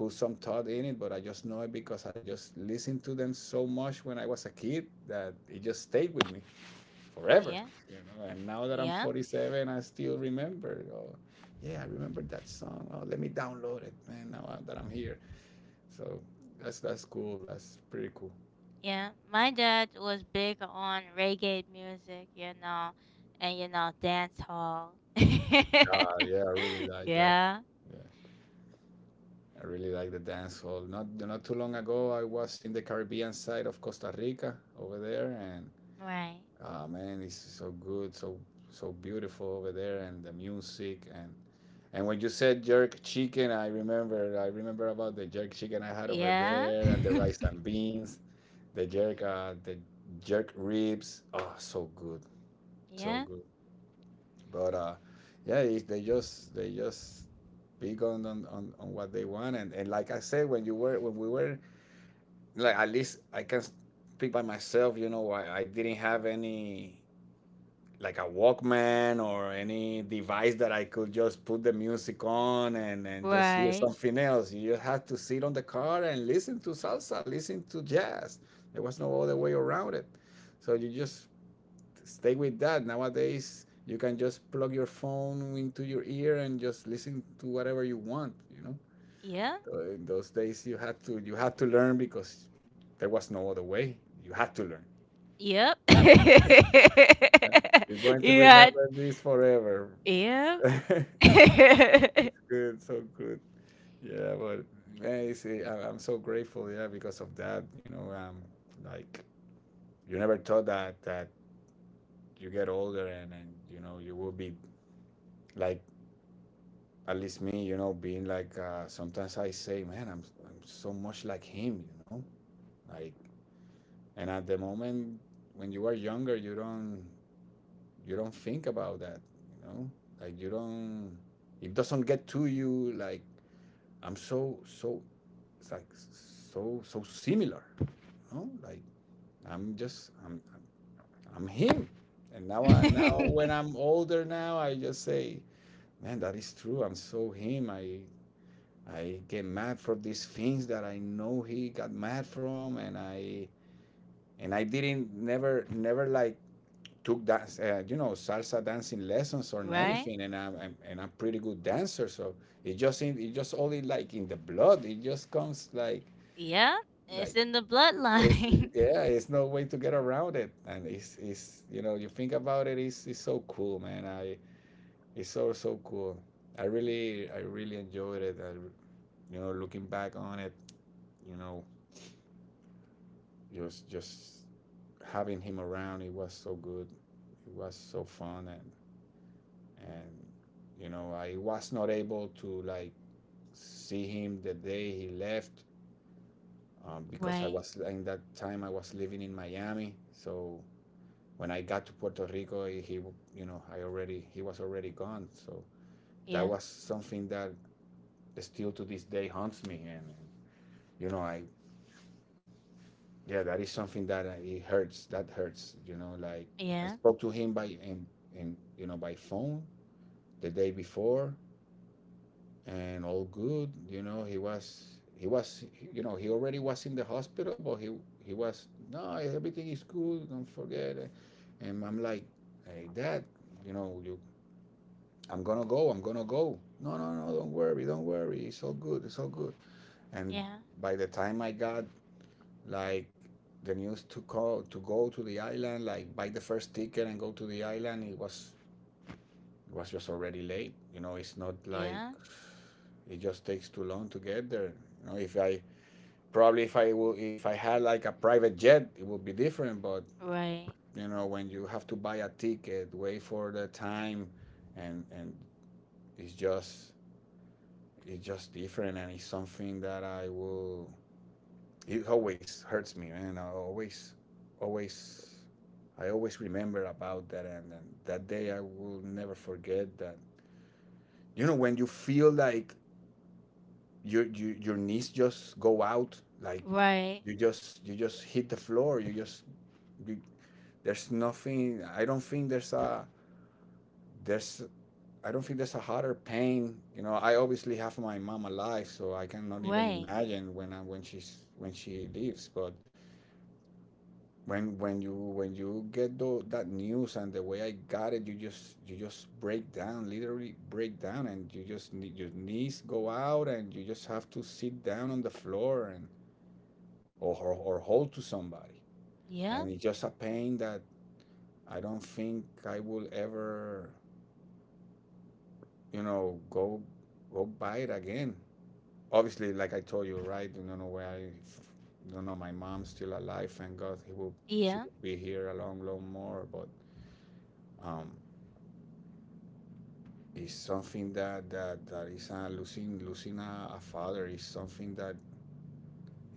B: put some thought in it, but I just know it because I just listened to them so much when I was a kid that it just stayed with me forever.
A: yeah
B: You know? And now that I'm
A: yeah
B: 47, I still remember. Oh, yeah, I remember that song. Oh, let me download it, man. Now that I'm here, so that's cool. That's pretty cool.
A: yeah. My dad was big on reggae music, you know, and you know, dance hall. [laughs]
B: Ah, yeah, I really like that.
A: Yeah
B: Yeah, I really like the dance hall. Not too long ago, I was in the Caribbean side of Costa Rica over there, and
A: right
B: ah, man, it's so good, so so beautiful over there, and the music and. And when you said jerk chicken, I remember about the jerk chicken I had over
A: yeah.
B: there and
A: [laughs]
B: the rice and beans, the jerk ribs. Oh, so good, so
A: Yeah.
B: good. But yeah, it, they just pick on, on what they want, and like I said, when we were like, at least I can speak by myself, you know, I didn't have any like a Walkman or any device that I could just put the music on and just hear
A: Right.
B: something else. You just had to sit on the car and listen to salsa, listen to jazz. There was no other way around it. So you just stay with that. Nowadays, you can just plug your phone into your ear and just listen to whatever you want, you know.
A: Yeah.
B: In those days, you had to learn because there was no other way. You had to learn.
A: Yep. [laughs]
B: You're going to
A: Yeah.
B: remember this forever.
A: Yep.
B: [laughs]
A: [laughs]
B: good, so good. Yeah, but man, it's, I'm so grateful. Yeah, because of that, you know, like you never thought that you get older and you know you will be like, at least me, you know, being like sometimes I say, man, I'm so much like him, you know, like. And at the moment when you are younger, you don't think about that, you know, like you don't, it doesn't get to you like, I'm so so, it's like so so similar. You know? Like I'm just I'm I'm him. And now I now when I'm older, now I just say, man, that is true. I'm so him. I get mad for these things that I know he got mad from, and I didn't never never like took dance, you know, salsa dancing lessons or
A: Right.
B: anything, and I'm pretty good dancer, so it just in, it just only like in the blood, it just comes like,
A: Yeah.
B: like
A: It's in the
B: it's,
A: bloodline.
B: yeah, it's no way to get around it. And it's, you know, you think about it, it's so cool, man. I It's so so cool. I really enjoyed it. I, you know, looking back on it, you know, just having him around, it was so good, it was so fun. And and you know, I was not able to like see him the day he left, because I
A: [laughs] Right.
B: was, in that time I was living in Miami, so when I got to Puerto Rico, he, you know, I already, he was already gone. So that
A: Yeah.
B: was something that still to this day haunts me. And you know, I, yeah, that is something that I, it hurts. That hurts. You know, like I
A: Yeah.
B: spoke to him by, in, you know, by phone the day before, and all good. You know, he was, you know, he already was in the hospital, but he was, no, everything is good. Don't forget. And I'm like, hey, Dad, you know, you, I'm gonna go. No, no, no, don't worry, don't worry. It's all good, it's all good. And
A: Yeah.
B: by the time I got like the news to call to go to the island, like buy the first ticket and go to the island, it was, it was just already late. You know, it's not like,
A: Yeah.
B: it just takes too long to get there. You know, if I probably if I will, if I had like a private jet, it would be different. But
A: Right.
B: you know, when you have to buy a ticket, wait for the time, and, it's just, it's just different, and it's something that I will, it always hurts me, man. I always always, I always remember about that. And that day I will never forget that. You know, when you feel like your, your knees just go out, like
A: Right.
B: you just, you just hit the floor, you, there's nothing, there's I don't think there's a harder pain. You know, I obviously have my mom alive, so I cannot even
A: Right.
B: imagine when she's, when she leaves. But when, when you get that news and the way I got it, you just, you just break down, literally break down, and you just need your knees go out, and you just have to sit down on the floor and or hold to somebody, and
A: Yeah.
B: it's just a pain that I don't think I will ever, you know, go by it again. Obviously, like I told you, right? You don't know where I, you know, my mom's still alive. Thank God, he will, she
A: Yeah.
B: will be here a long, long more. But um, it's something that is losing, losing a father is something that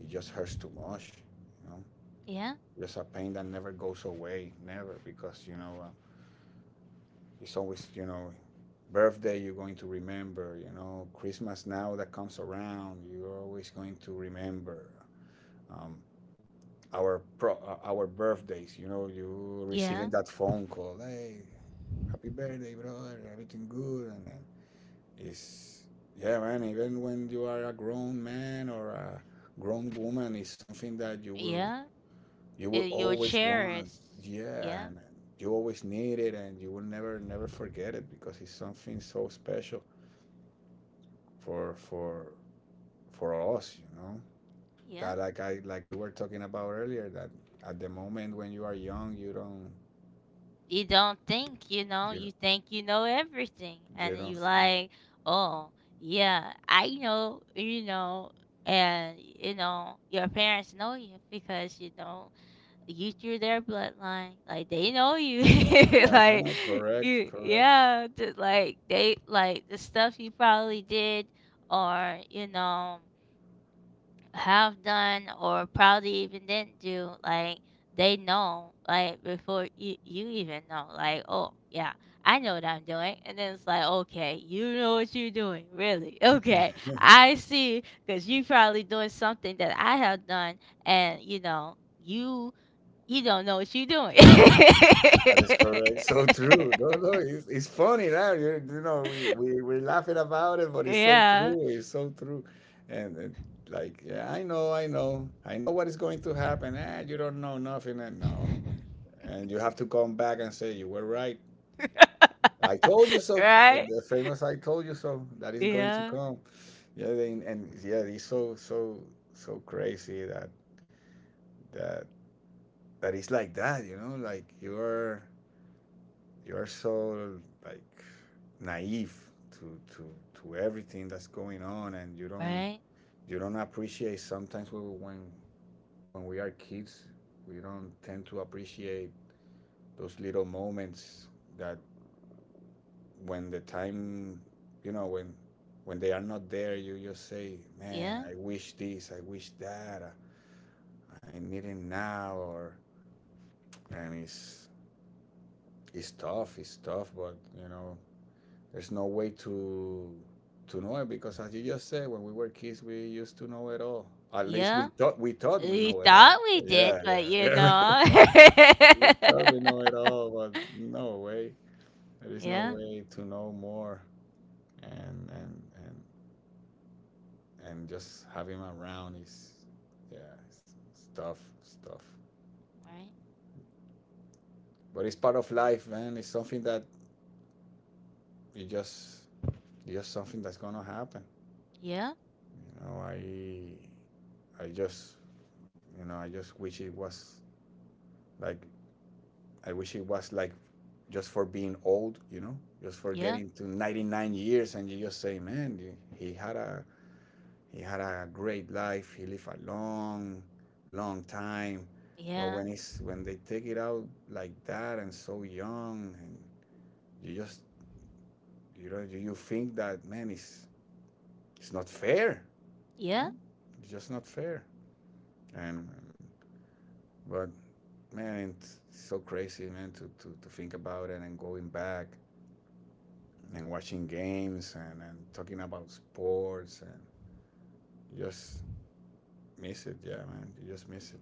B: it just hurts too much. You know,
A: Yeah.
B: just a pain that never goes away, never, because you know it's always, you know, birthday you're going to remember. You know, Christmas now that comes around, you're always going to remember. Um, our birthdays, you know, you
A: Yeah.
B: receiving that phone call, hey, happy birthday, brother, everything good. And it's, yeah, man, even when you are a grown man or a grown woman, it's something that you will,
A: Yeah. Eh,
B: you will
A: your
B: always want.
A: cherished. Yeah.
B: Yeah, and you always need it, and you will never never forget it, because it's something so special for for us, you know,
A: Yeah.
B: that, like I, like we were talking about earlier, that at the moment when you are young, you don't,
A: You don't think you know,
B: You
A: you think you know everything,
B: you
A: and then you
B: don't,
A: like, oh yeah, I know, you know. And you know, your parents know you, because you know, you through their bloodline, like they know you. [laughs]
B: uh-huh,
A: Like
B: correct,
A: you
B: correct.
A: yeah, just like they like the stuff you probably did, or you know, have done, or probably even didn't do, like they know like before you, you even know like, oh yeah, I know what I'm doing. And then it's like, okay, you know what you're doing, really? [laughs] Okay,
B: [laughs]
A: I see, because you probably doing something that I have done. And you know, you don't know what you're doing. [laughs]
B: That is correct. So true. No, no, it's funny now. You know, we're laughing about it, but it's so
A: Yeah.
B: true. It's so true. And like, yeah, I know. I know what is going to happen. Ah, you don't know nothing. And no. And you have to come back and say, you were right. I told you
A: [laughs]
B: so.
A: Right.
B: The famous I told you so. That is going to
A: Yeah
B: come. Yeah, they, and yeah, it's so, so, so crazy that, that, that is like that, you know, like you're so, like, naive to to everything that's going on, and you don't,
A: right
B: you don't appreciate sometimes when we are kids, we don't tend to appreciate those little moments that, when the time, you know, when they are not there, you just say, "Man,
A: yeah
B: I wish this, I wish that, I need it now," or, and it's, it's tough, but you know, there's no way to know it because, as you just said, when we were kids, we used to know it all. At least we
A: yeah.
B: thought, we
A: We
B: know it all.
A: thought we
B: Yeah,
A: did,
B: yeah,
A: but you
B: yeah.
A: know. [laughs]
B: [laughs] We thought we know it all, but no way. There is no
A: Yeah,
B: way to know more. And just having him around is, yeah, it's tough, it's tough.
A: right.
B: But it's part of life, man. It's something that you just something that's gonna happen.
A: Yeah,
B: You know, I just you know, I just wish it was like, I wish it was like just for being old. You know, just for
A: yeah,
B: getting to 99 years, and you just say, man, he had a great life. He lived a long, long time. But
A: yeah,
B: when they take it out like that and so young, and you just you know you think that man it's not fair. You know,
A: yeah,
B: it's just not fair. And but Man, it's so crazy, man, to, to think about it, and going back and watching games and talking about sports and just miss it. Yeah, man, you just miss it.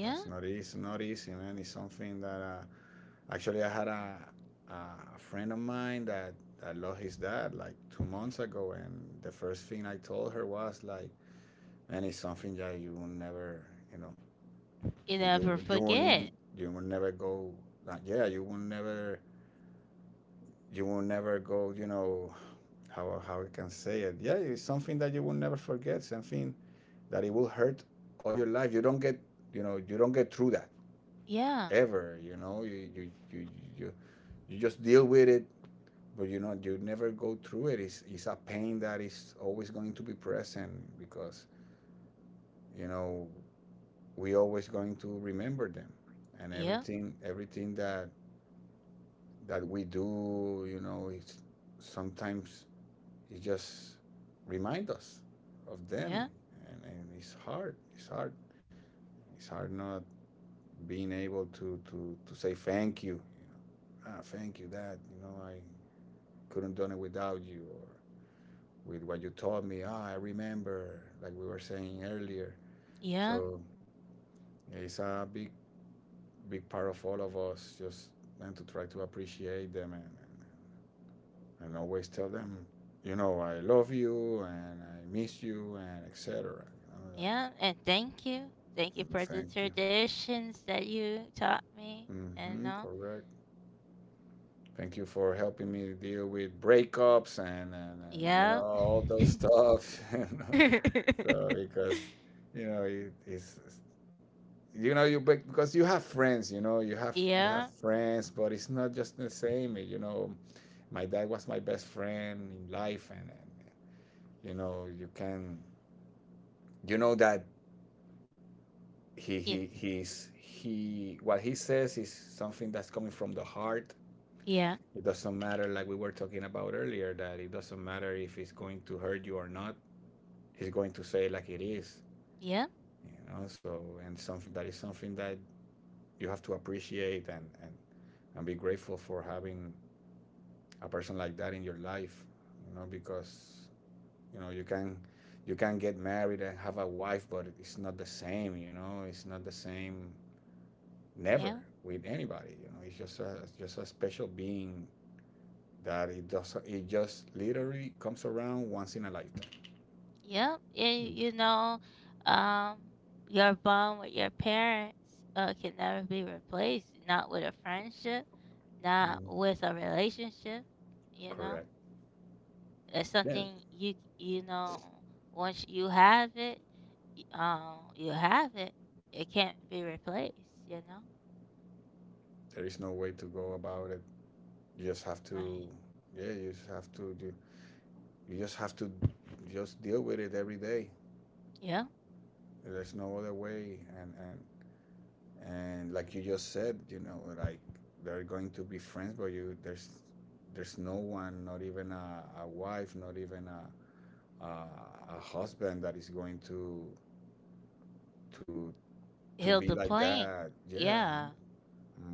B: That's not easy. It's not easy, man. It's something that actually I had a friend of mine that, that lost his dad like 2 months ago, and the first thing I told her was like, man, it's something that you will never, you know,
A: You
B: you
A: never
B: you will
A: forget.
B: you will never go. Like, yeah, you will never go, you know, how I can say it. Yeah, it's something that you will never forget, something that it will hurt all your life. You don't get through that
A: Yeah,
B: ever, you know. You, you just deal with it, but you know, you never go through it. It's a pain that is always going to be present because, you know, we always going to remember them. And
A: yeah,
B: everything that, that we do, you know, it's sometimes he just reminds us of them,
A: yeah,
B: and it's hard. It's hard. It's hard not being able to say thank you. You know, ah, thank you, Dad. You know, I couldn't done it without you, or with what you taught me. Ah, I remember, like we were saying earlier.
A: yeah,
B: So it's a big big part of all of us just and to try to appreciate them and always tell them, you know, I love you and I miss you and etc. You know, like,
A: yeah. And thank you. Thank you for the
B: thank you.
A: traditions that you taught me. And
B: Hmm,
A: all.
B: correct. Thank you for helping me deal with breakups and, you know,
A: Yeah.
B: all those stuff. [laughs] You know?
A: [laughs]
B: So because you know it's you know you because you have friends. You know you have
A: Yeah.
B: friends, but it's not just the same. You know, my dad was my best friend in life, and you know you can you know that he he
A: Yes.
B: he's he what he says is something that's coming from the heart.
A: Yeah.
B: It doesn't matter, like we were talking about earlier, that it doesn't matter if it's going to hurt you or not. He's going to say it like it is,
A: Yeah.
B: you know. So and something that is something that you have to appreciate and be grateful for having a person like that in your life, you know, because you know you can get married and have a wife, but it's not the same, you know. It's not the same, never
A: Yeah.
B: with anybody, you know. It's just a special being that it doesn't it just literally comes around once in a lifetime.
A: Yeah, you know, um, your bond with your parents, can never be replaced. Not with a friendship, not
B: Mm,
A: with a relationship. You know,
B: correct.
A: it's
B: Yeah,
A: something you you know. Once you have it, you have it. It can't be replaced. You know,
B: there is no way to go about it, you just have
A: right?
B: to yeah you just have to do you just have to just deal with it every day.
A: Yeah,
B: There's no other way, and like you just said, you know, like they're going to be friends but you there's no one, not even a wife, not even a a husband, that is going to to to
A: heal
B: be
A: the
B: like that.
A: plane.
B: Yeah.
A: Yeah,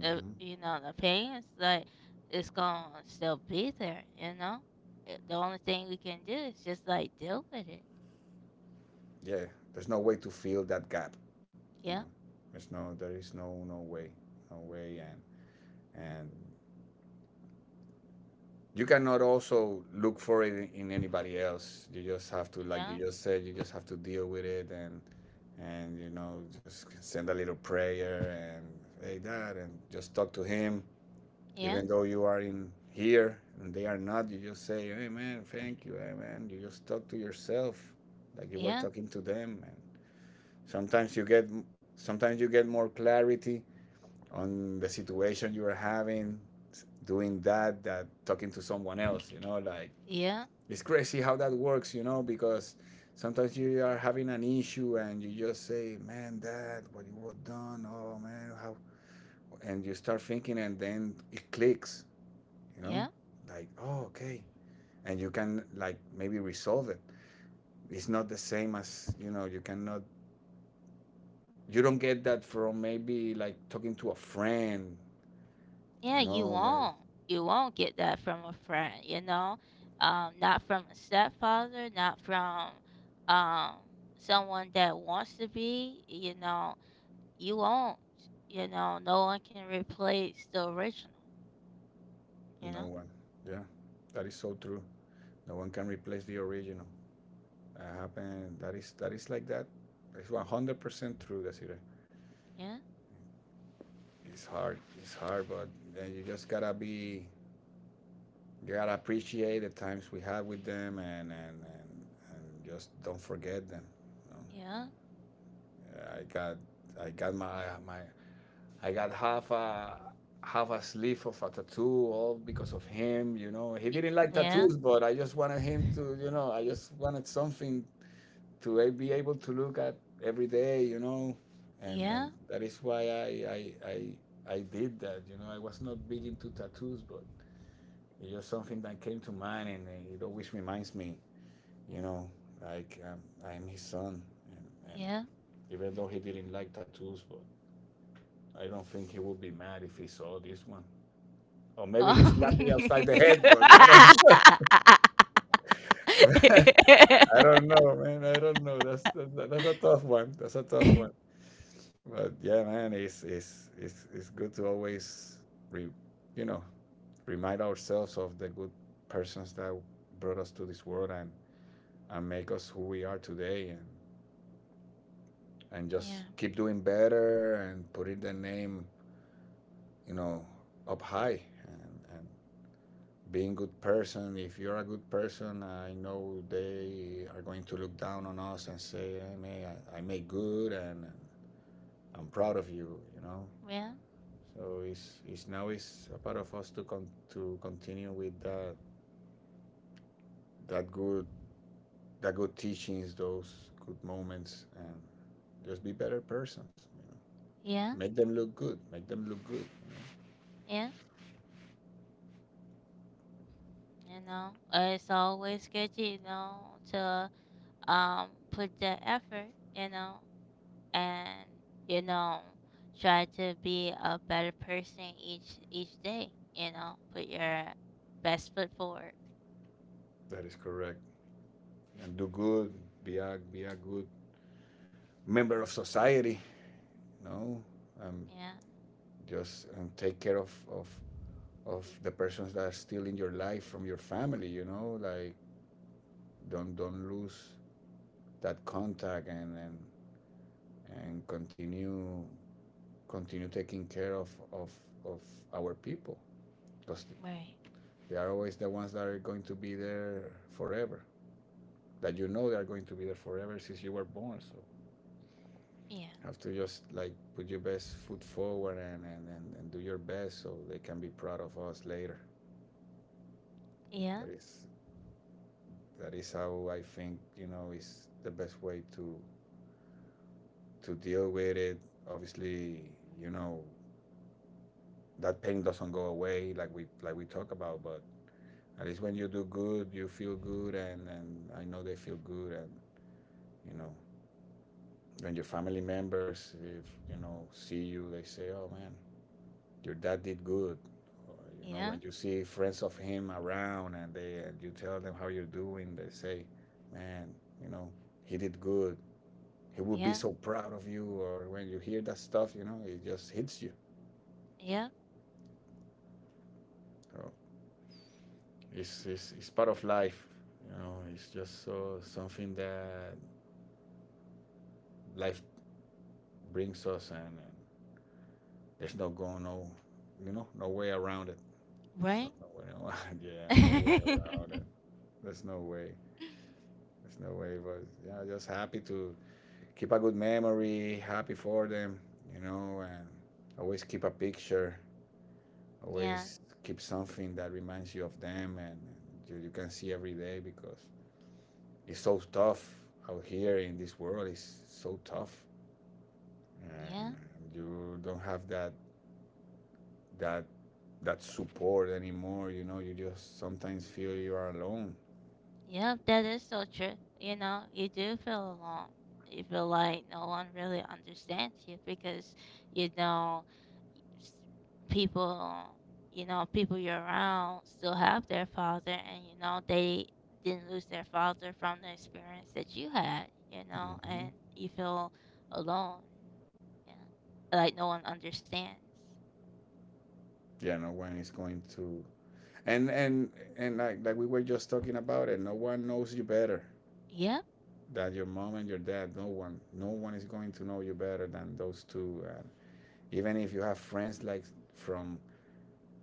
A: the you know the pain is like it's gonna still be there, you know. The only thing we can do is just like deal with it.
B: Yeah. There's no way to fill that gap. You
A: Yeah
B: know, there is no way, no way. And you cannot also look for it in anybody else. You just have to, like you
A: yeah
B: just said, you just have to deal with it and, you know, just send a little prayer and, hey, that, and just talk to him,
A: yeah
B: even though you are in here and they are not. You just say hey man thank you, hey man, you just talk to yourself like you were
A: yeah
B: talking to them. And sometimes you get sometimes you get more clarity on the situation you are having, doing that, that talking to someone else, you know, like
A: yeah
B: it's crazy how that works, you know, because sometimes you are having an issue and you just say man that what you were done, oh man how, and you start thinking and then it clicks, you know,
A: yeah
B: like oh okay, and you can like maybe resolve it. It's not the same as, you know, you cannot you don't get that from maybe like talking to a friend,
A: yeah.
B: you
A: You
B: know.
A: won't get that from a friend, you know, not from a stepfather, not from um someone that wants to be, you know, you won't, you know, no one can replace the original, you
B: No
A: know.
B: one, yeah, that is so true. No one can replace the original that happened that is like that. It's 100% true, Desiree.
A: Yeah
B: It's hard, it's hard, but you just gotta be you gotta appreciate the times we had with them and just don't forget them, you know?
A: yeah
B: I got I got my my I got half a sleeve of a tattoo all because of him, you know. He didn't like
A: yeah.
B: tattoos, but I just wanted him to, you know, I just wanted something to be able to look at every day, you know. And
A: Yeah,
B: that is why I did that, you know. I was not big into tattoos, but it's just something that came to mind and it always reminds me, you know, like I'm his son, and and
A: yeah.
B: even though he didn't like tattoos, but I don't think he would be mad if he saw this one. Or maybe he's
A: Oh.
B: slapping outside the
A: [laughs]
B: head, but I don't. [laughs] I don't know, man. I don't know. That's a tough one. That's a tough one. But yeah, man, it's good to always, re, you know, remind ourselves of the good persons that brought us to this world and make us who we are today, and
A: Yeah,
B: just keep doing better and putting the name, you know, up high and being good person. If you're a good person, I know they are going to look down on us and say, I made good and I'm proud of you, you know.
A: well,
B: So it's now it's a part of us to to continue with that that good, that good teachings, those good moments, and just be better persons, you know.
A: yeah,
B: Make them look good, make them look good, you know?
A: yeah. You know, it's always good, you know, to put the effort, you know, and you know, try to be a better person each day. You know, put your best foot forward.
B: That is correct. And do good, be a good member of society, you know. um,
A: Yeah,
B: just take care of the persons that are still in your life from your family, you know, like don't lose that contact and continue continue taking care of of our people, because
A: right.
B: they are always the ones that are going to be there forever, that, you know, they are going to be there forever since you were born. So
A: Yeah,
B: have to just like put your best foot forward and, and do your best so they can be proud of us later.
A: yeah,
B: that is That is how I think, you know, is the best way to deal with it. Obviously, you know, that pain doesn't go away like we talk about, but at least when you do good, you feel good, and I know they feel good, and you know when your family members if you know see you, they say, "Oh man, your dad did good." Or you know
A: yeah,
B: when you see friends of him around and they and you tell them how you're doing, they say, "Man, you know he did good." He will be
A: yeah,
B: so proud of you, or when you hear that stuff you know it just hits you.
A: yeah.
B: So it's part of life, you know, it's just so something that life brings us and there's no going you know no way around it. So
A: Right.
B: no way, no, [laughs] yeah no way
A: [laughs]
B: around it. There's no way,
A: Yeah,
B: there's no way, but yeah, just happy to keep a good memory, happy for them, you know, and always keep a picture, always keep something that reminds you of them and you can see every day, because it's so tough out here in this world, it's so tough, and
A: yeah,
B: you don't have that that that support anymore, you know, you just sometimes feel you are alone.
A: yeah. That is so true. You know, you do feel alone. You feel like no one really understands you because you know s- people, you know, people you're around still have their father, and you know, they didn't lose their father from the experience that you had. You know,
B: Mm-hmm.
A: and you feel alone. Yeah, like no one understands.
B: Yeah, no one is going to and and and like we were just talking about it, no one knows you better
A: Yep.
B: than your mom and your dad. No one, no one is going to know you better than those two. And even if you have friends like from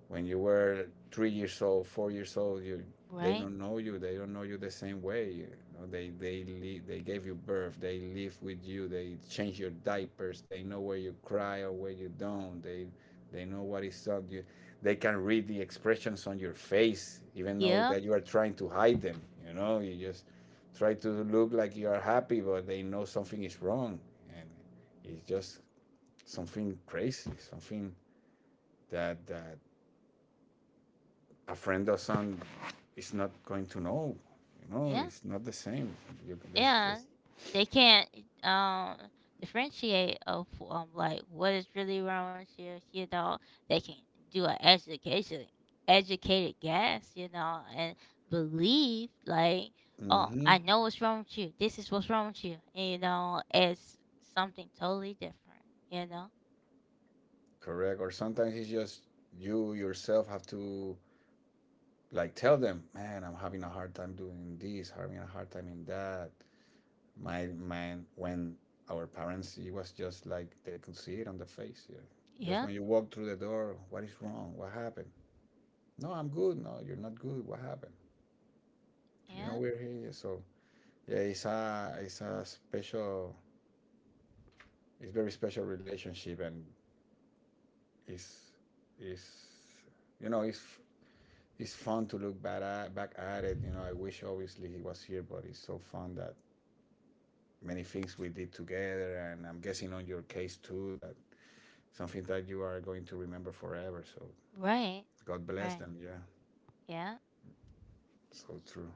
B: when you were 3 years old, 4 years old, you
A: Right.
B: they don't know you the same way. You know, they they gave you birth, they live with you, they change your diapers, they know where you cry or where you don't. They know what is on you. They can read the expressions on your face, even though
A: Yep.
B: that you are trying to hide them. You know, you just try to look like you are happy, but they know something is wrong, and it's just something crazy, something that that a friend doesn't is not going to know. You know,
A: Yeah.
B: it's not the same. You can there's
A: Yeah,
B: just
A: they can't um differentiate of like what is really wrong with your, you know. They can do an education educated guess, you know, and believe like, oh
B: hmm.
A: I know what's wrong with you, this is what's wrong with you. And, you know, it's something totally different, you know.
B: Correct. Or sometimes it's just you yourself have to like tell them, man, I'm having a hard time doing this, having a hard time in that. My man, when our parents, it was just like they could see it on the face. Yeah. Just
A: Yeah
B: when you walk through the door, what is wrong? What happened? No, I'm good. No, you're not good. What happened? You know,
A: yeah
B: we're here. Yeah, so yeah, it's a special, it's very special relationship, and it's it's you know it's fun to look back at it. You know, I wish obviously he was here, but it's so fun that many things we did together, and I'm guessing on your case too that something that you are going to remember forever. So
A: right
B: God bless
A: right
B: them. Yeah,
A: yeah.
B: so true.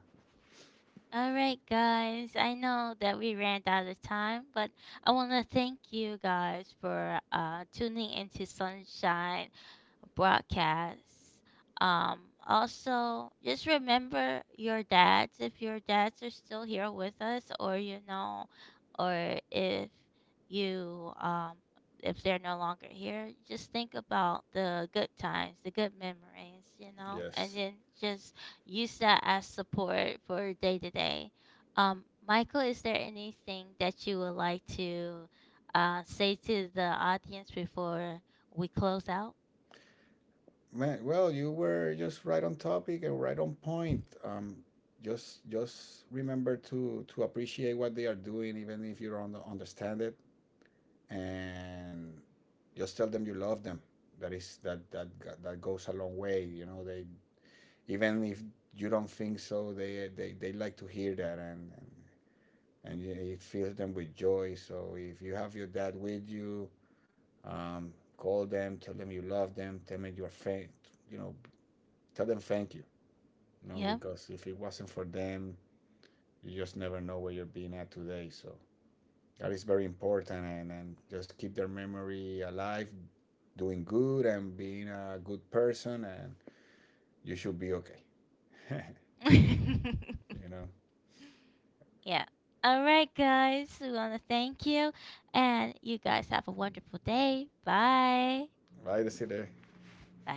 A: All right, guys. I know that we ran out of time, but I want to thank you guys for tuning into Sunshine broadcasts. Also, just remember your dads if your dads are still here with us, or you know, or if you, if they're no longer here, just think about the good times, the good memories, you know, and
B: Yes.
A: then just use that as support for day to day. Michael, is there anything that you would like to say to the audience before we close out?
B: Man, well, you were just right on topic and right on point. Just remember to appreciate what they are doing, even if you don't understand it, and just tell them you love them. That is that goes a long way. You know, they even if you don't think so, they like to hear that, and it fills them with joy. So if you have your dad with you, call them, tell them you love them, tell them you're fan, you know, tell them thank you, you know,
A: Yeah.
B: because if it wasn't for them, you just never know where you're being at today. So that is very important, and just keep their memory alive, doing good and being a good person, and you should be okay. [laughs] You
A: [laughs]
B: know,
A: Yeah. All right, guys. We want to thank you. And you guys have a wonderful day. Bye.
B: right, that's it?
A: Bye.